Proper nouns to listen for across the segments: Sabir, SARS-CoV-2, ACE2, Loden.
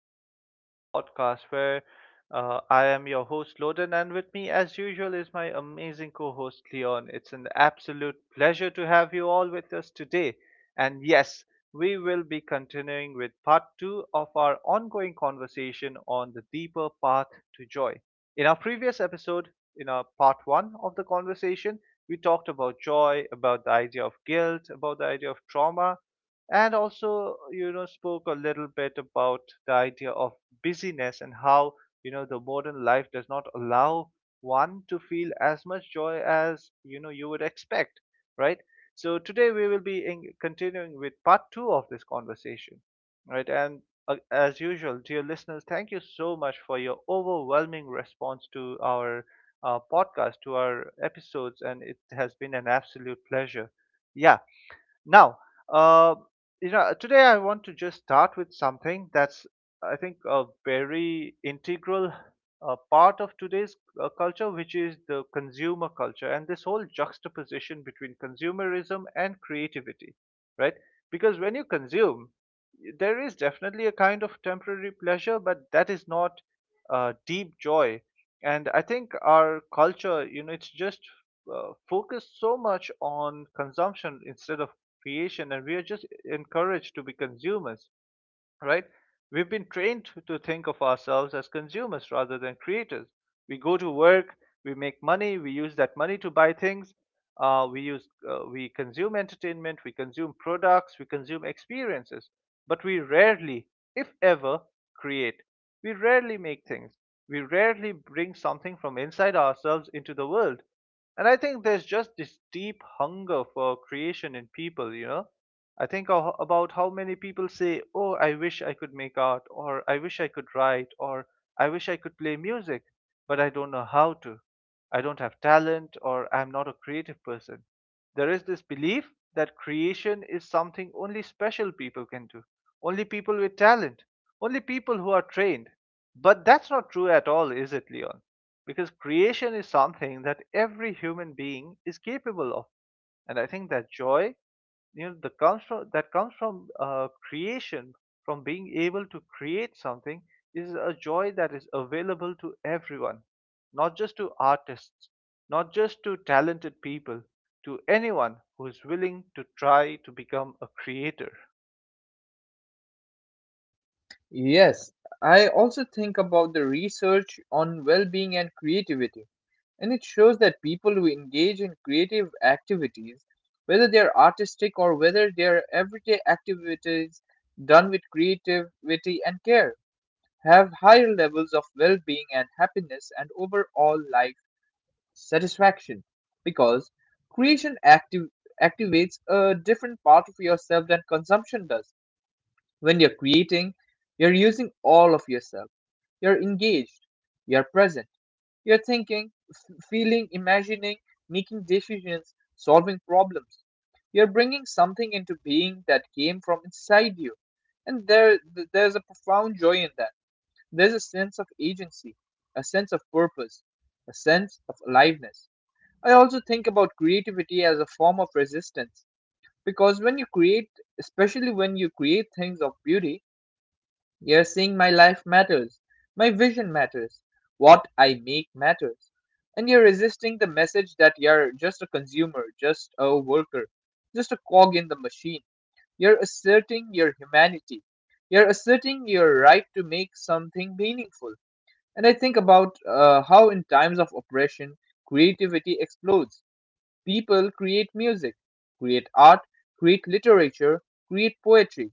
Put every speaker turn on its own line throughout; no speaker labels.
back to the podcast where I am your host, Loden. And with me, as usual, is my amazing co host, Leon. It's an absolute pleasure to have you all with us today. And yes, we will be continuing with part two of our ongoing conversation on the deeper path to joy. In our previous episode, in our part one of the conversation, we talked about joy, about the idea of guilt, about the idea of trauma, and also spoke a little bit about the idea of busyness, and how the modern life does not allow one to feel as much joy as you would expect, right? So today we will be continuing with part 2 of this conversation, right. And as usual, dear listeners, thank you so much for your overwhelming response to our podcast, to our episodes, and it has been an absolute pleasure. Yeah. now, uh, today I want to just start with something that's, I think, a very integral part of today's culture, which is the consumer culture and this whole juxtaposition between consumerism and creativity, right? Because when you consume, there is definitely a kind of temporary pleasure, but that is not deep joy. And I think our culture, you know, it's just focused so much on consumption instead of creation, and we are just encouraged to be consumers, right? We've been trained to think of ourselves as consumers rather than creators. We go to work, we make money, we use that money to buy things. We use, we consume entertainment, we consume products, we consume experiences, but we rarely, if ever, create. We rarely make things. We rarely bring something from inside ourselves into the world. And I think there's just this deep hunger for creation in people, you know. I think about how many people say, oh, I wish I could make art, or I wish I could write, or I wish I could play music, but I don't know how to. I don't have talent, or I'm not a creative person. There is this belief that creation is something only special people can do, only people with talent, only people who are trained. But that's not true at all, is it, Leon? Because creation is something that every human being is capable of, and I think that joy, you know, the comes from, that comes from creation. From being able to create something is a joy that is available to everyone, not just to artists, not just to talented people, to anyone who is willing to try to become a creator.
Yes, I also think about the research on well being and creativity, and it shows that people who engage in creative activities, whether they're artistic or whether they're everyday activities done with creativity and care, have higher levels of well being and happiness and overall life satisfaction because creation active, activates a different part of yourself than consumption does when you're creating, you're using all of yourself. You're engaged, you're present, you're thinking, feeling, imagining, making decisions, solving problems. You're bringing something into being that came from inside you. And there's a profound joy in that. There's a sense of agency, a sense of purpose, a sense of aliveness. I also think about creativity as a form of resistance because when you create, especially when you create things of beauty, you're seeing my life matters, my vision matters, what I make matters. And you're resisting the message that you're just a consumer, just a worker, just a cog in the machine. You're asserting your humanity. You're asserting your right to make something meaningful. And I think about how, in times of oppression, creativity explodes. People create music, create art, create literature, create poetry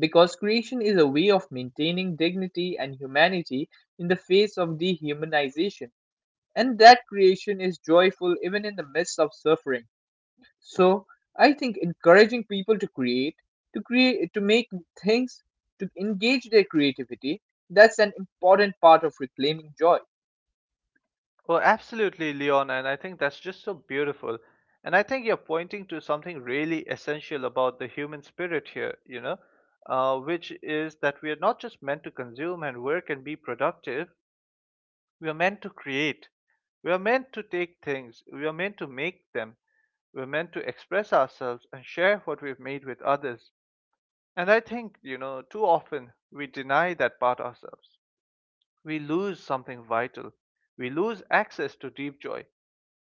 because creation is a way of maintaining dignity and humanity in the face of dehumanization, and that creation is joyful even in the midst of suffering. So, I think encouraging people to create, to make things, to engage their creativity, that's an important part of reclaiming joy.
Well, absolutely, Leon, and I think that's just so beautiful. And I think you're pointing to something really essential about the human spirit here, you know, which is that we are not just meant to consume and work and be productive, we are meant to create. We are meant to take things, we are meant to make them, we are meant to express ourselves and share what we've made with others. And I think, you know, too often we deny that part ourselves. We lose something vital, we lose access to deep joy.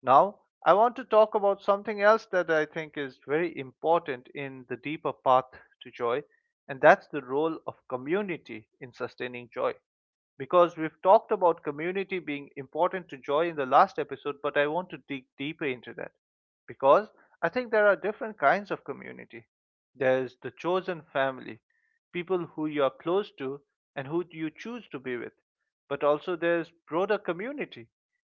Now, I want to talk about something else that I think is very important in the deeper path to joy, and that's the role of community in sustaining joy, because we've talked about community being important to joy in the last episode, but I want to dig deeper into that because I think there are different kinds of community. There's the chosen family, people who you are close to and who you choose to be with, but also there's broader community,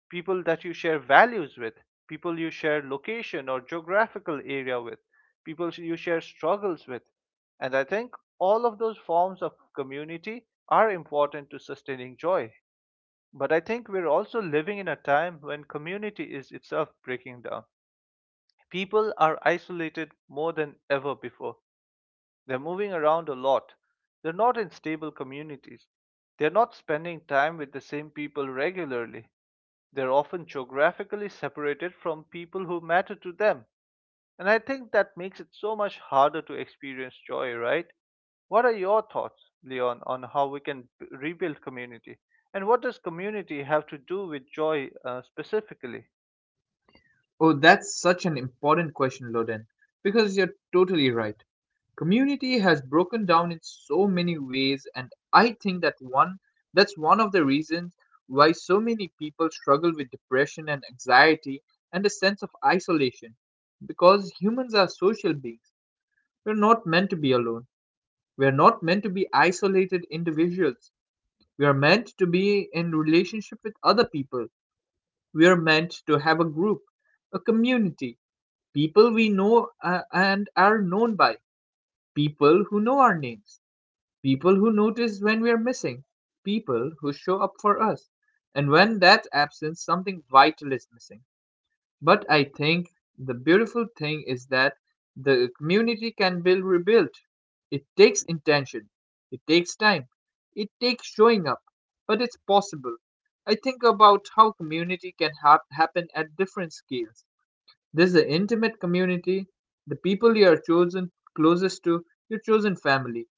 people that you share values with, people you share location or geographical area with, people you share struggles with, and I think all of those forms of community are important to sustaining joy. But I think we're also living in a time when community is itself breaking down. People are isolated more than ever before. They're moving around a lot. They're not in stable communities. They're not spending time with the same people regularly. They're often geographically separated from people who matter to them. And I think that makes it so much harder to experience joy, right? What are your thoughts, Leon, on how we can rebuild community? And what does community have to do with joy specifically?
Oh, that's such an important question, Loden, because you're totally right. Community has broken down in so many ways, and I think that one that's one of the reasons why so many people struggle with depression and anxiety and a sense of isolation, because humans are social beings. We're not meant to be alone. We're not meant to be isolated individuals. We are meant to be in relationship with other people. We are meant to have a community, people we know and are known by, people who know our names, people who notice when we are missing, people who show up for us. And when that's absent, something vital is missing. But I think the beautiful thing is that the community can be rebuilt. It takes intention, it takes time, it takes showing up, but it's possible. I think about how community can happen at different scales. There's the intimate community, the people you are chosen closest to, your chosen family,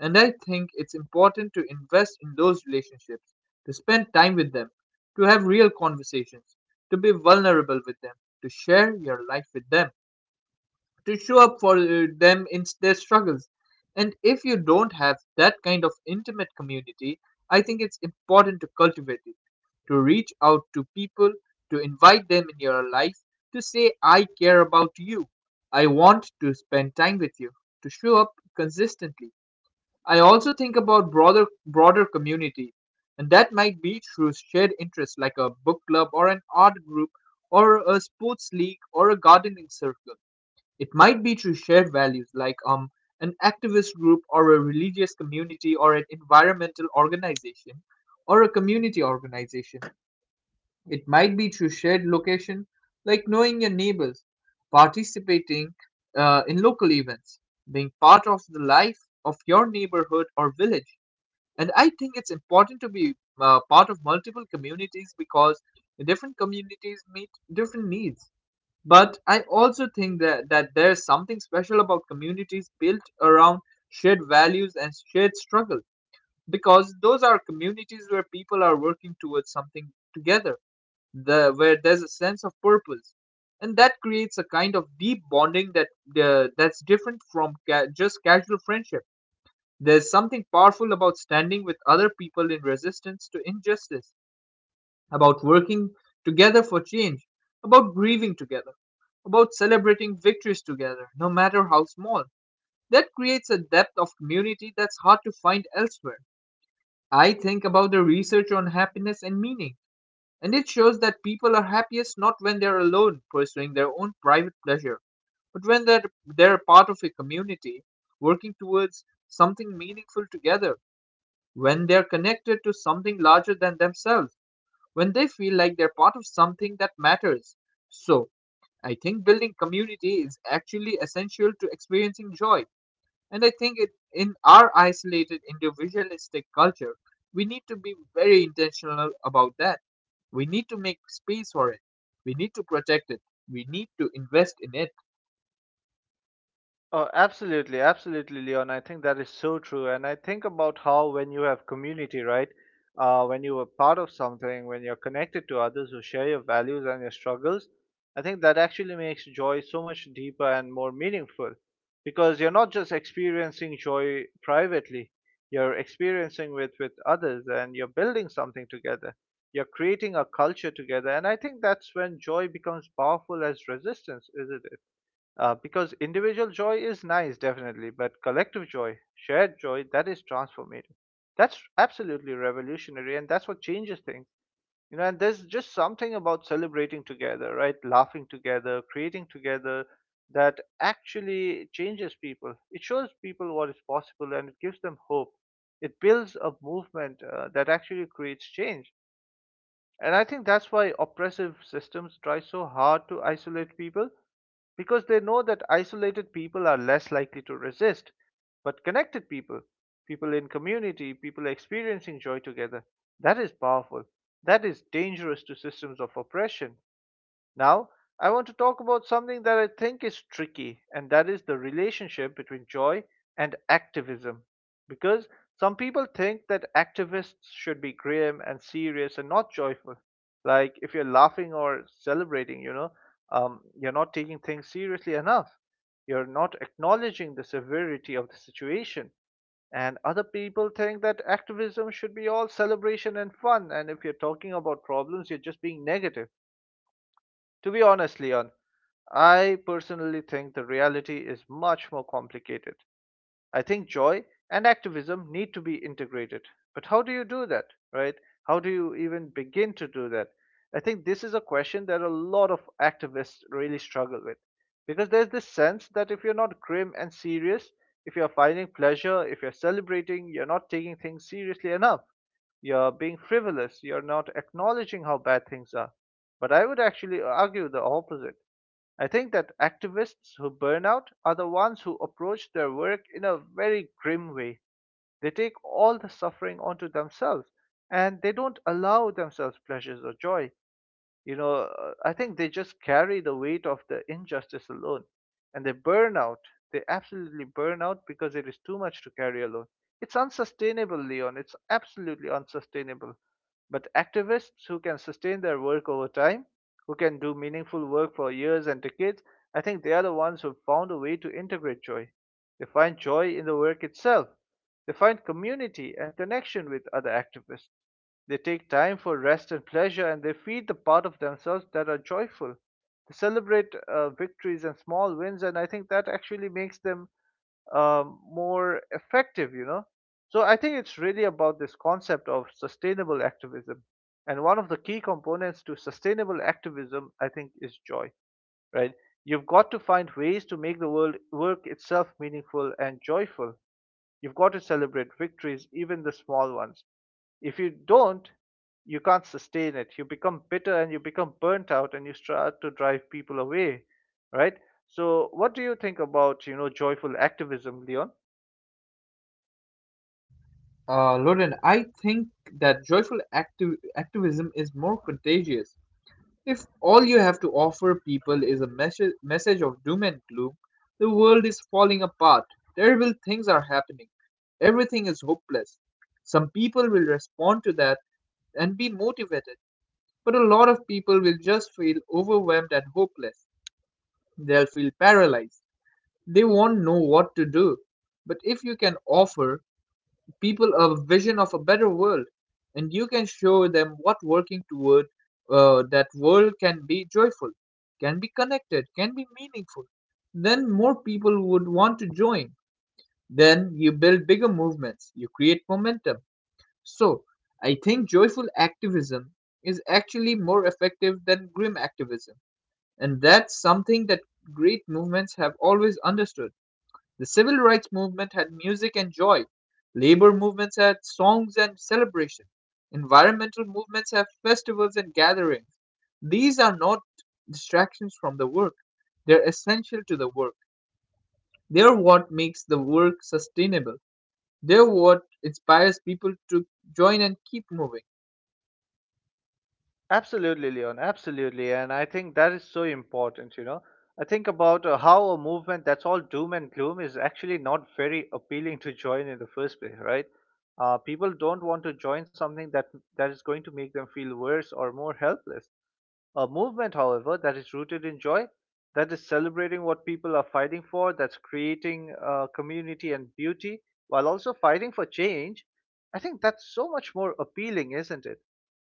and I think it's important to invest in those relationships, to spend time with them, to have real conversations, to be vulnerable with them, to share your life with them, to show up for them in their struggles. And if you don't have that kind of intimate community, I think it's important to cultivate it, to reach out to people, to invite them in your life, to say, I care about you. I want to spend time with you, to show up consistently. I also think about broader community, and that might be through shared interests like a book club or an art group or a sports league or a gardening circle. It might be through shared values like an activist group or a religious community or an environmental organization or a community organization. It might be through shared location like knowing your neighbors, participating in local events, being part of the life of your neighborhood or village. And I think it's important to be part of multiple communities because different communities meet different needs. But I also think that there's something special about communities built around shared values and shared struggle, because those are communities where people are working towards something together, where there's a sense of purpose, and that creates a kind of deep bonding that that's different from just casual friendship. There is something powerful about standing with other people in resistance to injustice, about working together for change, about grieving together, about celebrating victories together, no matter how small. That creates a depth of community that's hard to find elsewhere. I think about the research on happiness and meaning, and it shows that people are happiest not when they're alone pursuing their own private pleasure, but when they're part of a community working towards something meaningful together, when they're connected to something larger than themselves, when they feel like they're part of something that matters. So, I think building community is actually essential to experiencing joy. And I think in our isolated individualistic culture, we need to be very intentional about that. We need to make space for it. We need to protect it. We need to invest in it.
Oh, absolutely, absolutely, Leon. I think that is so true. And I think about how when you have community, right? When you are part of something, when you're connected to others who share your values and your struggles, I think that actually makes joy so much deeper and more meaningful because you're not just experiencing joy privately, you're experiencing with others, and you're building something together. You're creating a culture together. And I think that's when joy becomes powerful as resistance, isn't it? Because individual joy is nice, definitely, but collective joy, shared joy, that is transformative. That's absolutely revolutionary, and that's what changes things. You know, and there's just something about celebrating together, right? Laughing together, creating together, that actually changes people. It shows people what is possible, and it gives them hope. It builds a movement that actually creates change. And I think that's why oppressive systems try so hard to isolate people, because they know that isolated people are less likely to resist. But connected people, people in community, people experiencing joy together, that is powerful. That is dangerous to systems of oppression. Now, I want to talk about something that I think is tricky, and that is the relationship between joy and activism. Because some people think that activists should be grim and serious and not joyful. Like, if you're laughing or celebrating, you know, you're not taking things seriously enough. You're not acknowledging the severity of the situation. And other people think that activism should be all celebration and fun. And if you're talking about problems, you're just being negative. To be honest, Leon, I personally think the reality is much more complicated. I think joy and activism need to be integrated. But how do you do that, right? How do you even begin to do that? I think this is a question that a lot of activists really struggle with, because there's this sense that if you're not grim and serious, if you're finding pleasure, if you're celebrating, you're not taking things seriously enough. You're being frivolous. You're not acknowledging how bad things are. But I would actually argue the opposite. I think that activists who burn out are the ones who approach their work in a very grim way. They take all the suffering onto themselves, and they don't allow themselves pleasures or joy. You know, I think they just carry the weight of the injustice alone, and they burn out. They absolutely burn out because it is too much to carry alone. It's unsustainable, Leon. It's absolutely unsustainable. But activists who can sustain their work over time, who can do meaningful work for years and decades, I think they are the ones who found a way to integrate joy. They find joy in the work itself. They find community and connection with other activists. They take time for rest and pleasure, and they feed the part of themselves that are joyful. They celebrate victories and small wins, and I think that actually makes them more effective, you know. So I think it's really about this concept of sustainable activism. And one of the key components to sustainable activism, I think, is joy, right? You've got to find ways to make the world work itself meaningful and joyful. You've got to celebrate victories, even the small ones. If you don't, you can't sustain it. You become bitter, and you become burnt out, and you start to drive people away, right? So, what do you think about, you know, joyful activism, Leon?
Lauren, I think that activism is more contagious. If all you have to offer people is a message of doom and gloom, the world is falling apart. Terrible things are happening. Everything is hopeless. Some people will respond to that and be motivated, but a lot of people will just feel overwhelmed and hopeless. They'll feel paralyzed. They won't know what to do. But if you can offer people a vision of a better world, and you can show them what working toward that world can be joyful, can be connected, can be meaningful, then more people would want to join, then you build bigger movements, you create momentum. So I think joyful activism is actually more effective than grim activism, and that's something that great movements have always understood. The civil rights movement had music and joy, labor movements had songs and celebration, environmental movements have festivals and gatherings. These are not distractions from the work, they're essential to the work. They're what makes the work sustainable. They're what inspires people to join and keep moving.
Absolutely, Leon. Absolutely. And I think that is so important, you know. I think about how a movement that's all doom and gloom is actually not very appealing to join in the first place, right? People don't want to join something that is going to make them feel worse or more helpless. A movement, however, that is rooted in joy, that is celebrating what people are fighting for, that's creating community and beauty while also fighting for change, I think that's so much more appealing, isn't it?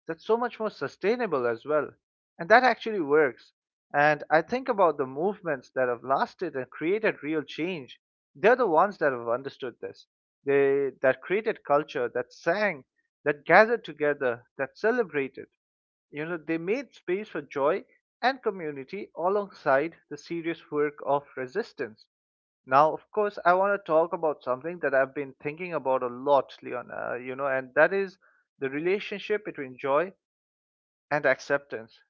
That's so much more sustainable as well. And that actually works. And I think about the movements that have lasted and created real change. They're the ones that have understood this. They that created culture, that sang, that gathered together, that celebrated. You know, they made space for joy and community alongside the serious work of resistance. Now, of course, I want to talk about something that I've been thinking about a lot, Leon, and that is the relationship between joy and acceptance,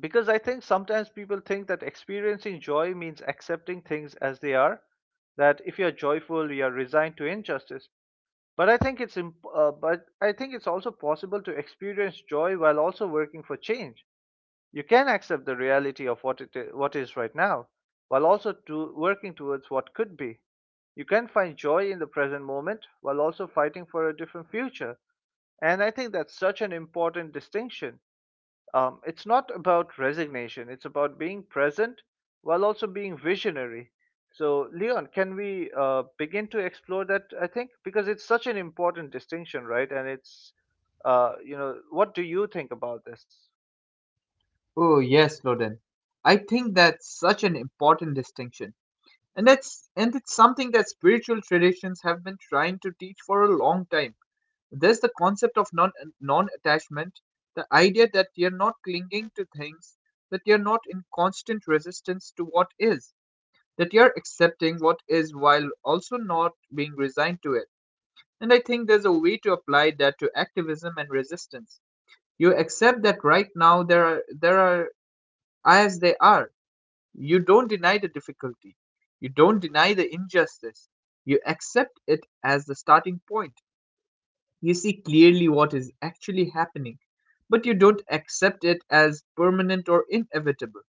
because I think sometimes people think that experiencing joy means accepting things as they are, that if you're joyful you're resigned to injustice. But I think it's imp- but I think it's also possible to experience joy while also working for change. You can accept the reality of what it is, what is right now, while also to working towards what could be. You can find joy in the present moment while also fighting for a different future. And I think that's such an important distinction. Um, it's not about resignation, it's about being present while also being visionary. So, Leon, can we begin to explore that? I think because it's such an important distinction, right? And it's, what do you think about this?
Oh, yes, Loden. I think that's such an important distinction. And it's something that spiritual traditions have been trying to teach for a long time. There's the concept of non attachment, the idea that you're not clinging to things, that you're not in constant resistance to what is, that you're accepting what is while also not being resigned to it. And I think there's a way to apply that to activism and resistance. You accept that right now there are as they are. You don't deny the difficulty. You don't deny the injustice. You accept it as the starting point. You see clearly what is actually happening, but you don't accept it as permanent or inevitable.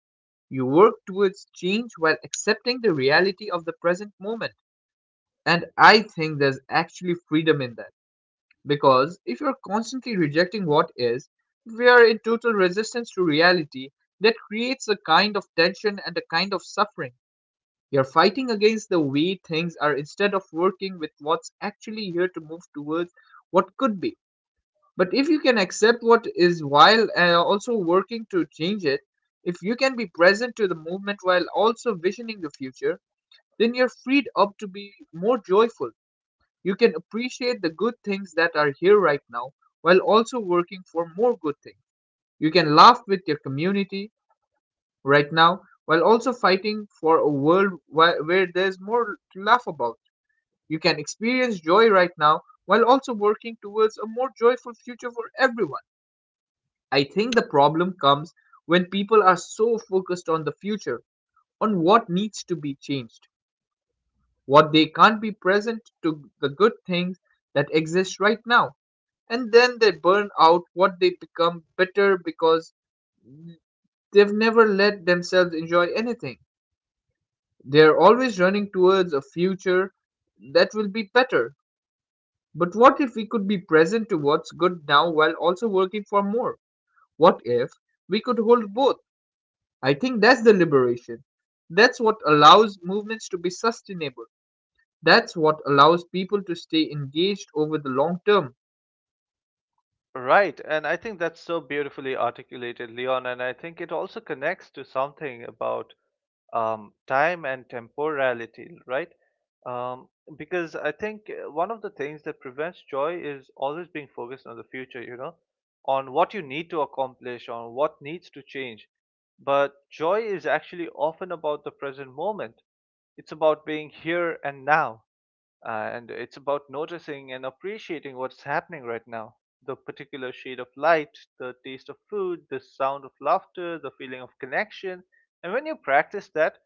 You work towards change while accepting the reality of the present moment. And I think there's actually freedom in that. Because if you're constantly rejecting what is, we are in total resistance to reality, that creates a kind of tension and a kind of suffering. You're fighting against the way things are instead of working with what's actually here to move towards what could be. But if you can accept what is while also working to change it, if you can be present to the movement while also visioning the future, then you're freed up to be more joyful. You can appreciate the good things that are here right now while also working for more good things. You can laugh with your community right now while also fighting for a world where there's more to laugh about. You can experience joy right now while also working towards a more joyful future for everyone. I think the problem comes when people are so focused on the future, on what needs to be changed, what they can't be present to the good things that exist right now. And then they burn out, what they become bitter, because they've never let themselves enjoy anything. They're always running towards a future that will be better. But what if we could be present to what's good now while also working for more? What if we could hold both? I think that's the liberation. That's what allows movements to be sustainable. That's what allows people to stay engaged over the long term.
Right. And I think that's so beautifully articulated, Leon. And I think it also connects to something about time and temporality, right? Um, because I think one of the things that prevents joy is always being focused on the future, you know, on what you need to accomplish, on what needs to change. But joy is actually often about the present moment. It's about being here and now, and it's about noticing and appreciating what's happening right now, the particular shade of light, the taste of food, the sound of laughter, the feeling of connection. And when you practice that,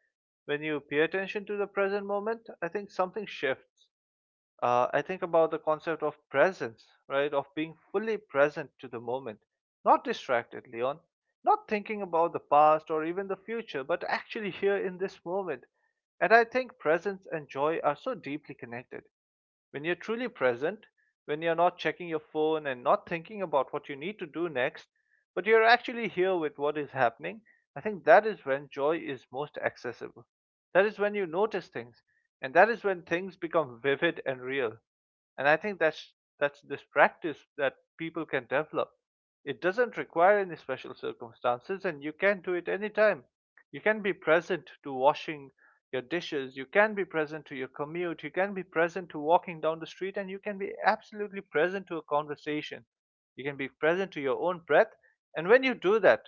when you pay attention to the present moment, I think something shifts. I think about the concept of presence, right? Of being fully present to the moment, not distracted, Leon, not thinking about the past or even the future, but actually here in this moment. And I think presence and joy are so deeply connected. When you're truly present, when you're not checking your phone and not thinking about what you need to do next, but you're actually here with what is happening, I think that is when joy is most accessible. That is when you notice things, and that is when things become vivid and real. And I think that's this practice that people can develop. It doesn't require any special circumstances, and you can do it anytime. You can be present to washing your dishes. You can be present to your commute. You can be present to walking down the street, and you can be absolutely present to a conversation. You can be present to your own breath. And when you do that,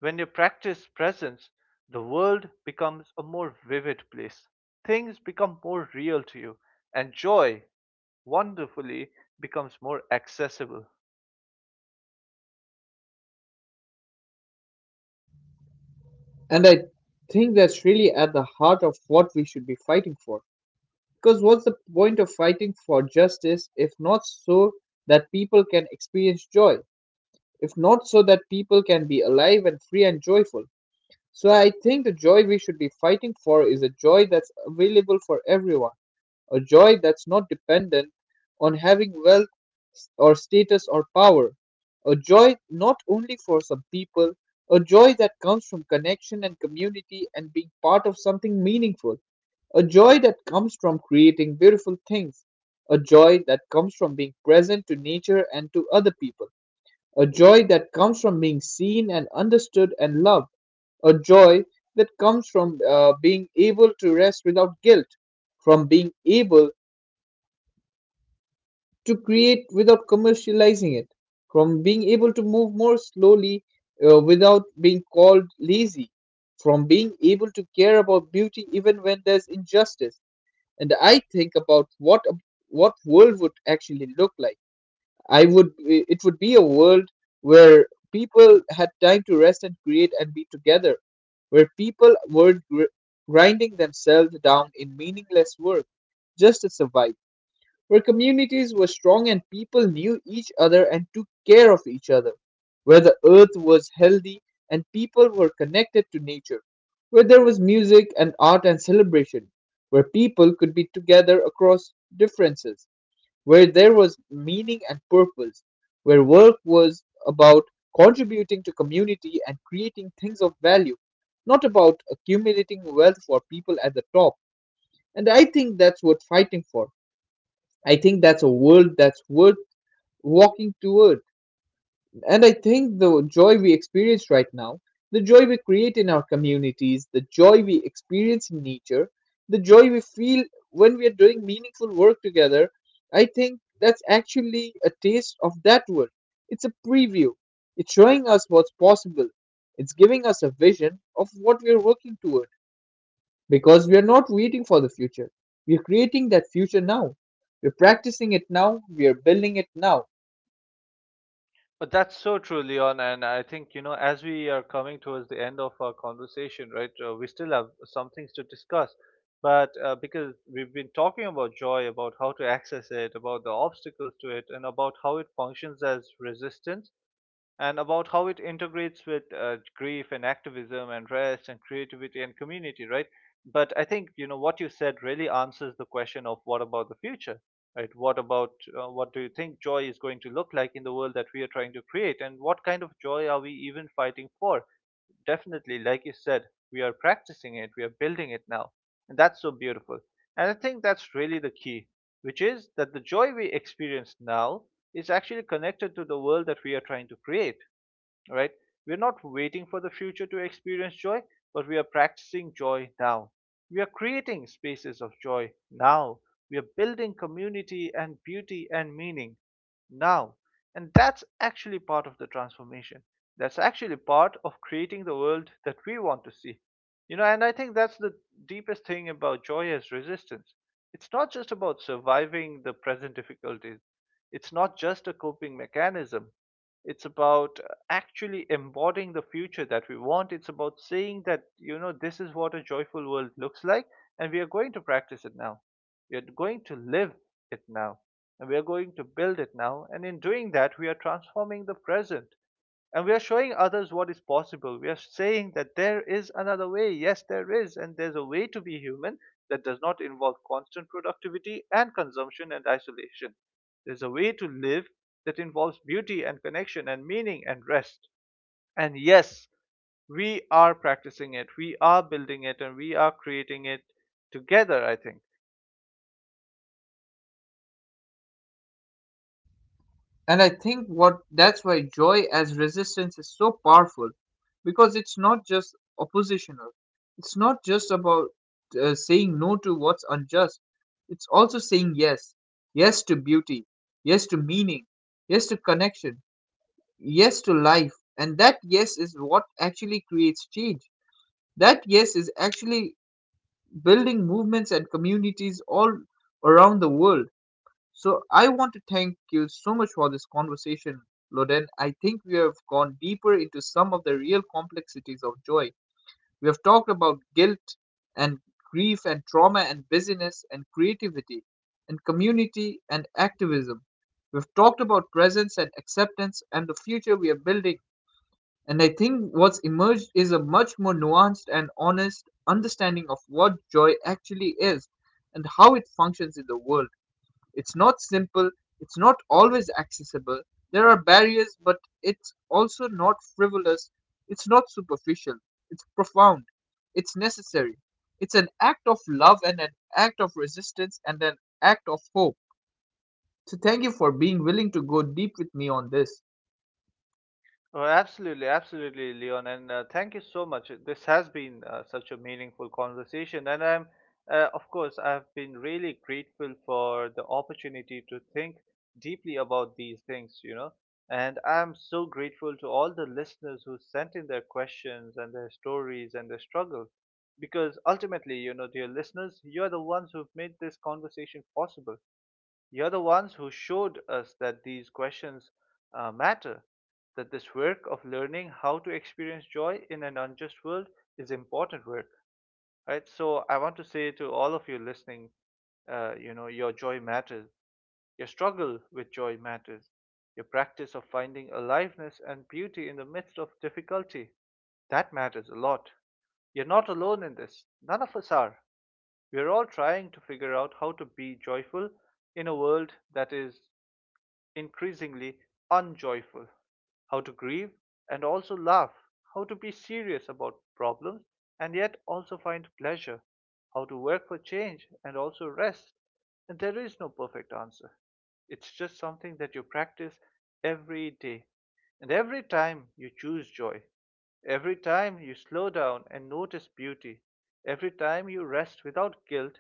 when you practice presence, the world becomes a more vivid place, things become more real to you, and joy, wonderfully, becomes more accessible.
And I think that's really at the heart of what we should be fighting for. Because what's the point of fighting for justice if not so that people can experience joy? If not so that people can be alive and free and joyful? So I think the joy we should be fighting for is a joy that's available for everyone, a joy that's not dependent on having wealth or status or power, a joy not only for some people, a joy that comes from connection and community and being part of something meaningful, a joy that comes from creating beautiful things, a joy that comes from being present to nature and to other people, a joy that comes from being seen and understood and loved, a joy that comes from being able to rest without guilt, from being able to create without commercializing it, from being able to move more slowly without being called lazy, from being able to care about beauty even when there's injustice. And I think about what world would actually look like. I would It would be a world where people had time to rest and create and be together, where people weren't grinding themselves down in meaningless work just to survive, where communities were strong and people knew each other and took care of each other, where the earth was healthy and people were connected to nature, where there was music and art and celebration, where people could be together across differences, where there was meaning and purpose, where work was about contributing to community and creating things of value, not about accumulating wealth for people at the top. And I think that's a world that's worth walking toward. And I think the joy we experience right now, the joy we create in our communities, the joy we experience in nature, the joy we feel when we are doing meaningful work together, I think that's actually a taste of that world. It's a preview. It's showing us what's possible. It's giving us a vision of what we're working toward. Because we are not waiting for the future. We are creating that future now. We're practicing it now. We are building it now.
But that's so true, Leon. And I think, you know, as we are coming towards the end of our conversation, right, we still have some things to discuss. But because we've been talking about joy, about how to access it, about the obstacles to it, and about how it functions as resistance, and about how it integrates with grief and activism and rest and creativity and community, right? But I think you know what you said really answers the question of what about the future, right? What about what do you think joy is going to look like in the world that we are trying to create, and what kind of joy are we even fighting for? Definitely, like you said, we are practicing it, we are building it now, and that's so beautiful. And I think that's really the key, which is that the joy we experience now is actually connected to the world that we are trying to create, right? We're not waiting for the future to experience joy, but we are practicing joy now. We are creating spaces of joy now. We are building community and beauty and meaning now. And that's actually part of the transformation. That's actually part of creating the world that we want to see. You know, and I think that's the deepest thing about joy as resistance. It's not just about surviving the present difficulties, it's not just a coping mechanism, it's about actually embodying the future that we want. It's about saying that, you know, this is what a joyful world looks like, and we are going to practice it now. We are going to live it now, and we are going to build it now. And in doing that, we are transforming the present. And we are showing others what is possible. We are saying that there is another way. Yes, there is. And there's a way to be human that does not involve constant productivity and consumption and isolation. There's a way to live that involves beauty and connection and meaning and rest. And yes, we are practicing it. We are building it and we are creating it together, I think.
And I think what that's why joy as resistance is so powerful, because it's not just oppositional. It's not just about saying no to what's unjust. It's also saying yes. Yes to beauty. Yes to meaning. Yes to connection. Yes to life. And that yes is what actually creates change. That yes is actually building movements and communities all around the world. So I want to thank you so much for this conversation, Loden. I think we have gone deeper into some of the real complexities of joy. We have talked about guilt and grief and trauma and busyness and creativity and community and activism. We've talked about presence and acceptance and the future we are building, and I think what's emerged is a much more nuanced and honest understanding of what joy actually is and how it functions in the world. It's not simple, it's not always accessible. There are barriers, but it's also not frivolous, it's not superficial, it's profound, it's necessary. It's an act of love and an act of resistance and an act of hope. So, thank you for being willing to go deep with me on this.
Oh, absolutely, absolutely, Leon, and thank you so much. This has been such a meaningful conversation, and I'm, of course, I've been really grateful for the opportunity to think deeply about these things, you know. And I'm so grateful to all the listeners who sent in their questions and their stories and their struggles, because ultimately, you know, dear listeners, you're the ones who've made this conversation possible. You're the ones who showed us that these questions matter, that this work of learning how to experience joy in an unjust world is important work, right? So I want to say to all of you listening, your joy matters, your struggle with joy matters, your practice of finding aliveness and beauty in the midst of difficulty, that matters a lot. You're not alone in this. None of us are. We're all trying to figure out how to be joyful in a world that is increasingly unjoyful, how to grieve and also laugh, how to be serious about problems and yet also find pleasure, how to work for change and also rest. And there is no perfect answer. It's just something that you practice every day. And every time you choose joy, every time you slow down and notice beauty, every time you rest without guilt,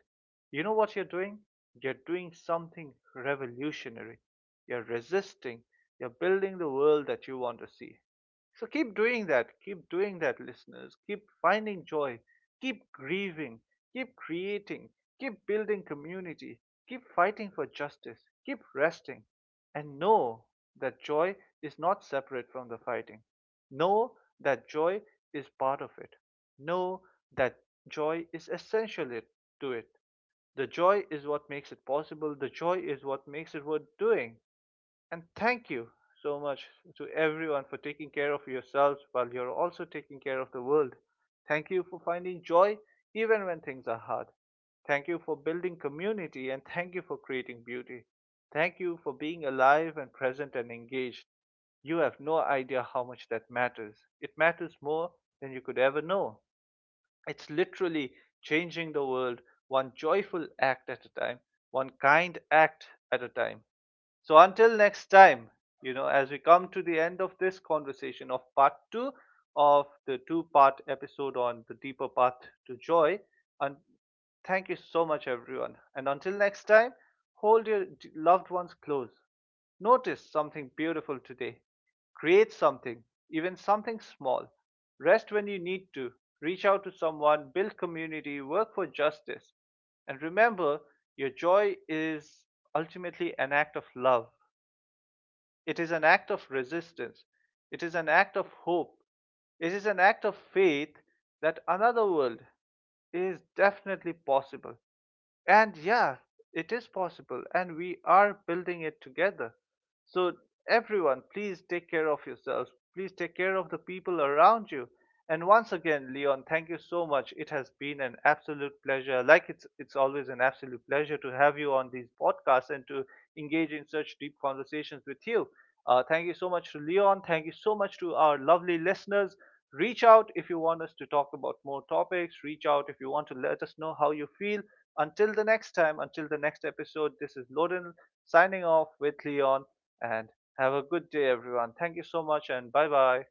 you know what you're doing? You're doing something revolutionary. You're resisting. You're building the world that you want to see. So keep doing that. Keep doing that, listeners. Keep finding joy. Keep grieving. Keep creating. Keep building community. Keep fighting for justice. Keep resting. And know that joy is not separate from the fighting. Know that joy is part of it. Know that joy is essential to it. The joy is what makes it possible. The joy is what makes it worth doing. And thank you so much to everyone for taking care of yourselves while you're also taking care of the world. Thank you for finding joy even when things are hard. Thank you for building community and thank you for creating beauty. Thank you for being alive and present and engaged. You have no idea how much that matters. It matters more than you could ever know. It's literally changing the world one joyful act at a time, one kind act at a time. So until next time, you know, as we come to the end of this conversation of part two of the two-part episode on the deeper path to joy, and thank you so much, everyone. And until next time, hold your loved ones close. Notice something beautiful today. Create something, even something small. Rest when you need to. Reach out to someone, build community, work for justice. And remember, your joy is ultimately an act of love. It is an act of resistance. It is an act of hope. It is an act of faith that another world is definitely possible. And yeah, it is possible, and we are building it together. So, everyone, please take care of yourselves. Please take care of the people around you. And once again, Leon, thank you so much. It has been an absolute pleasure. Like it's always an absolute pleasure to have you on these podcasts and to engage in such deep conversations with you. Thank you so much to Leon. Thank you so much to our lovely listeners. Reach out if you want us to talk about more topics. Reach out if you want to let us know how you feel until the next time, until the next episode, this is Loden signing off with Leon, and have a good day, everyone. Thank you so much and bye bye.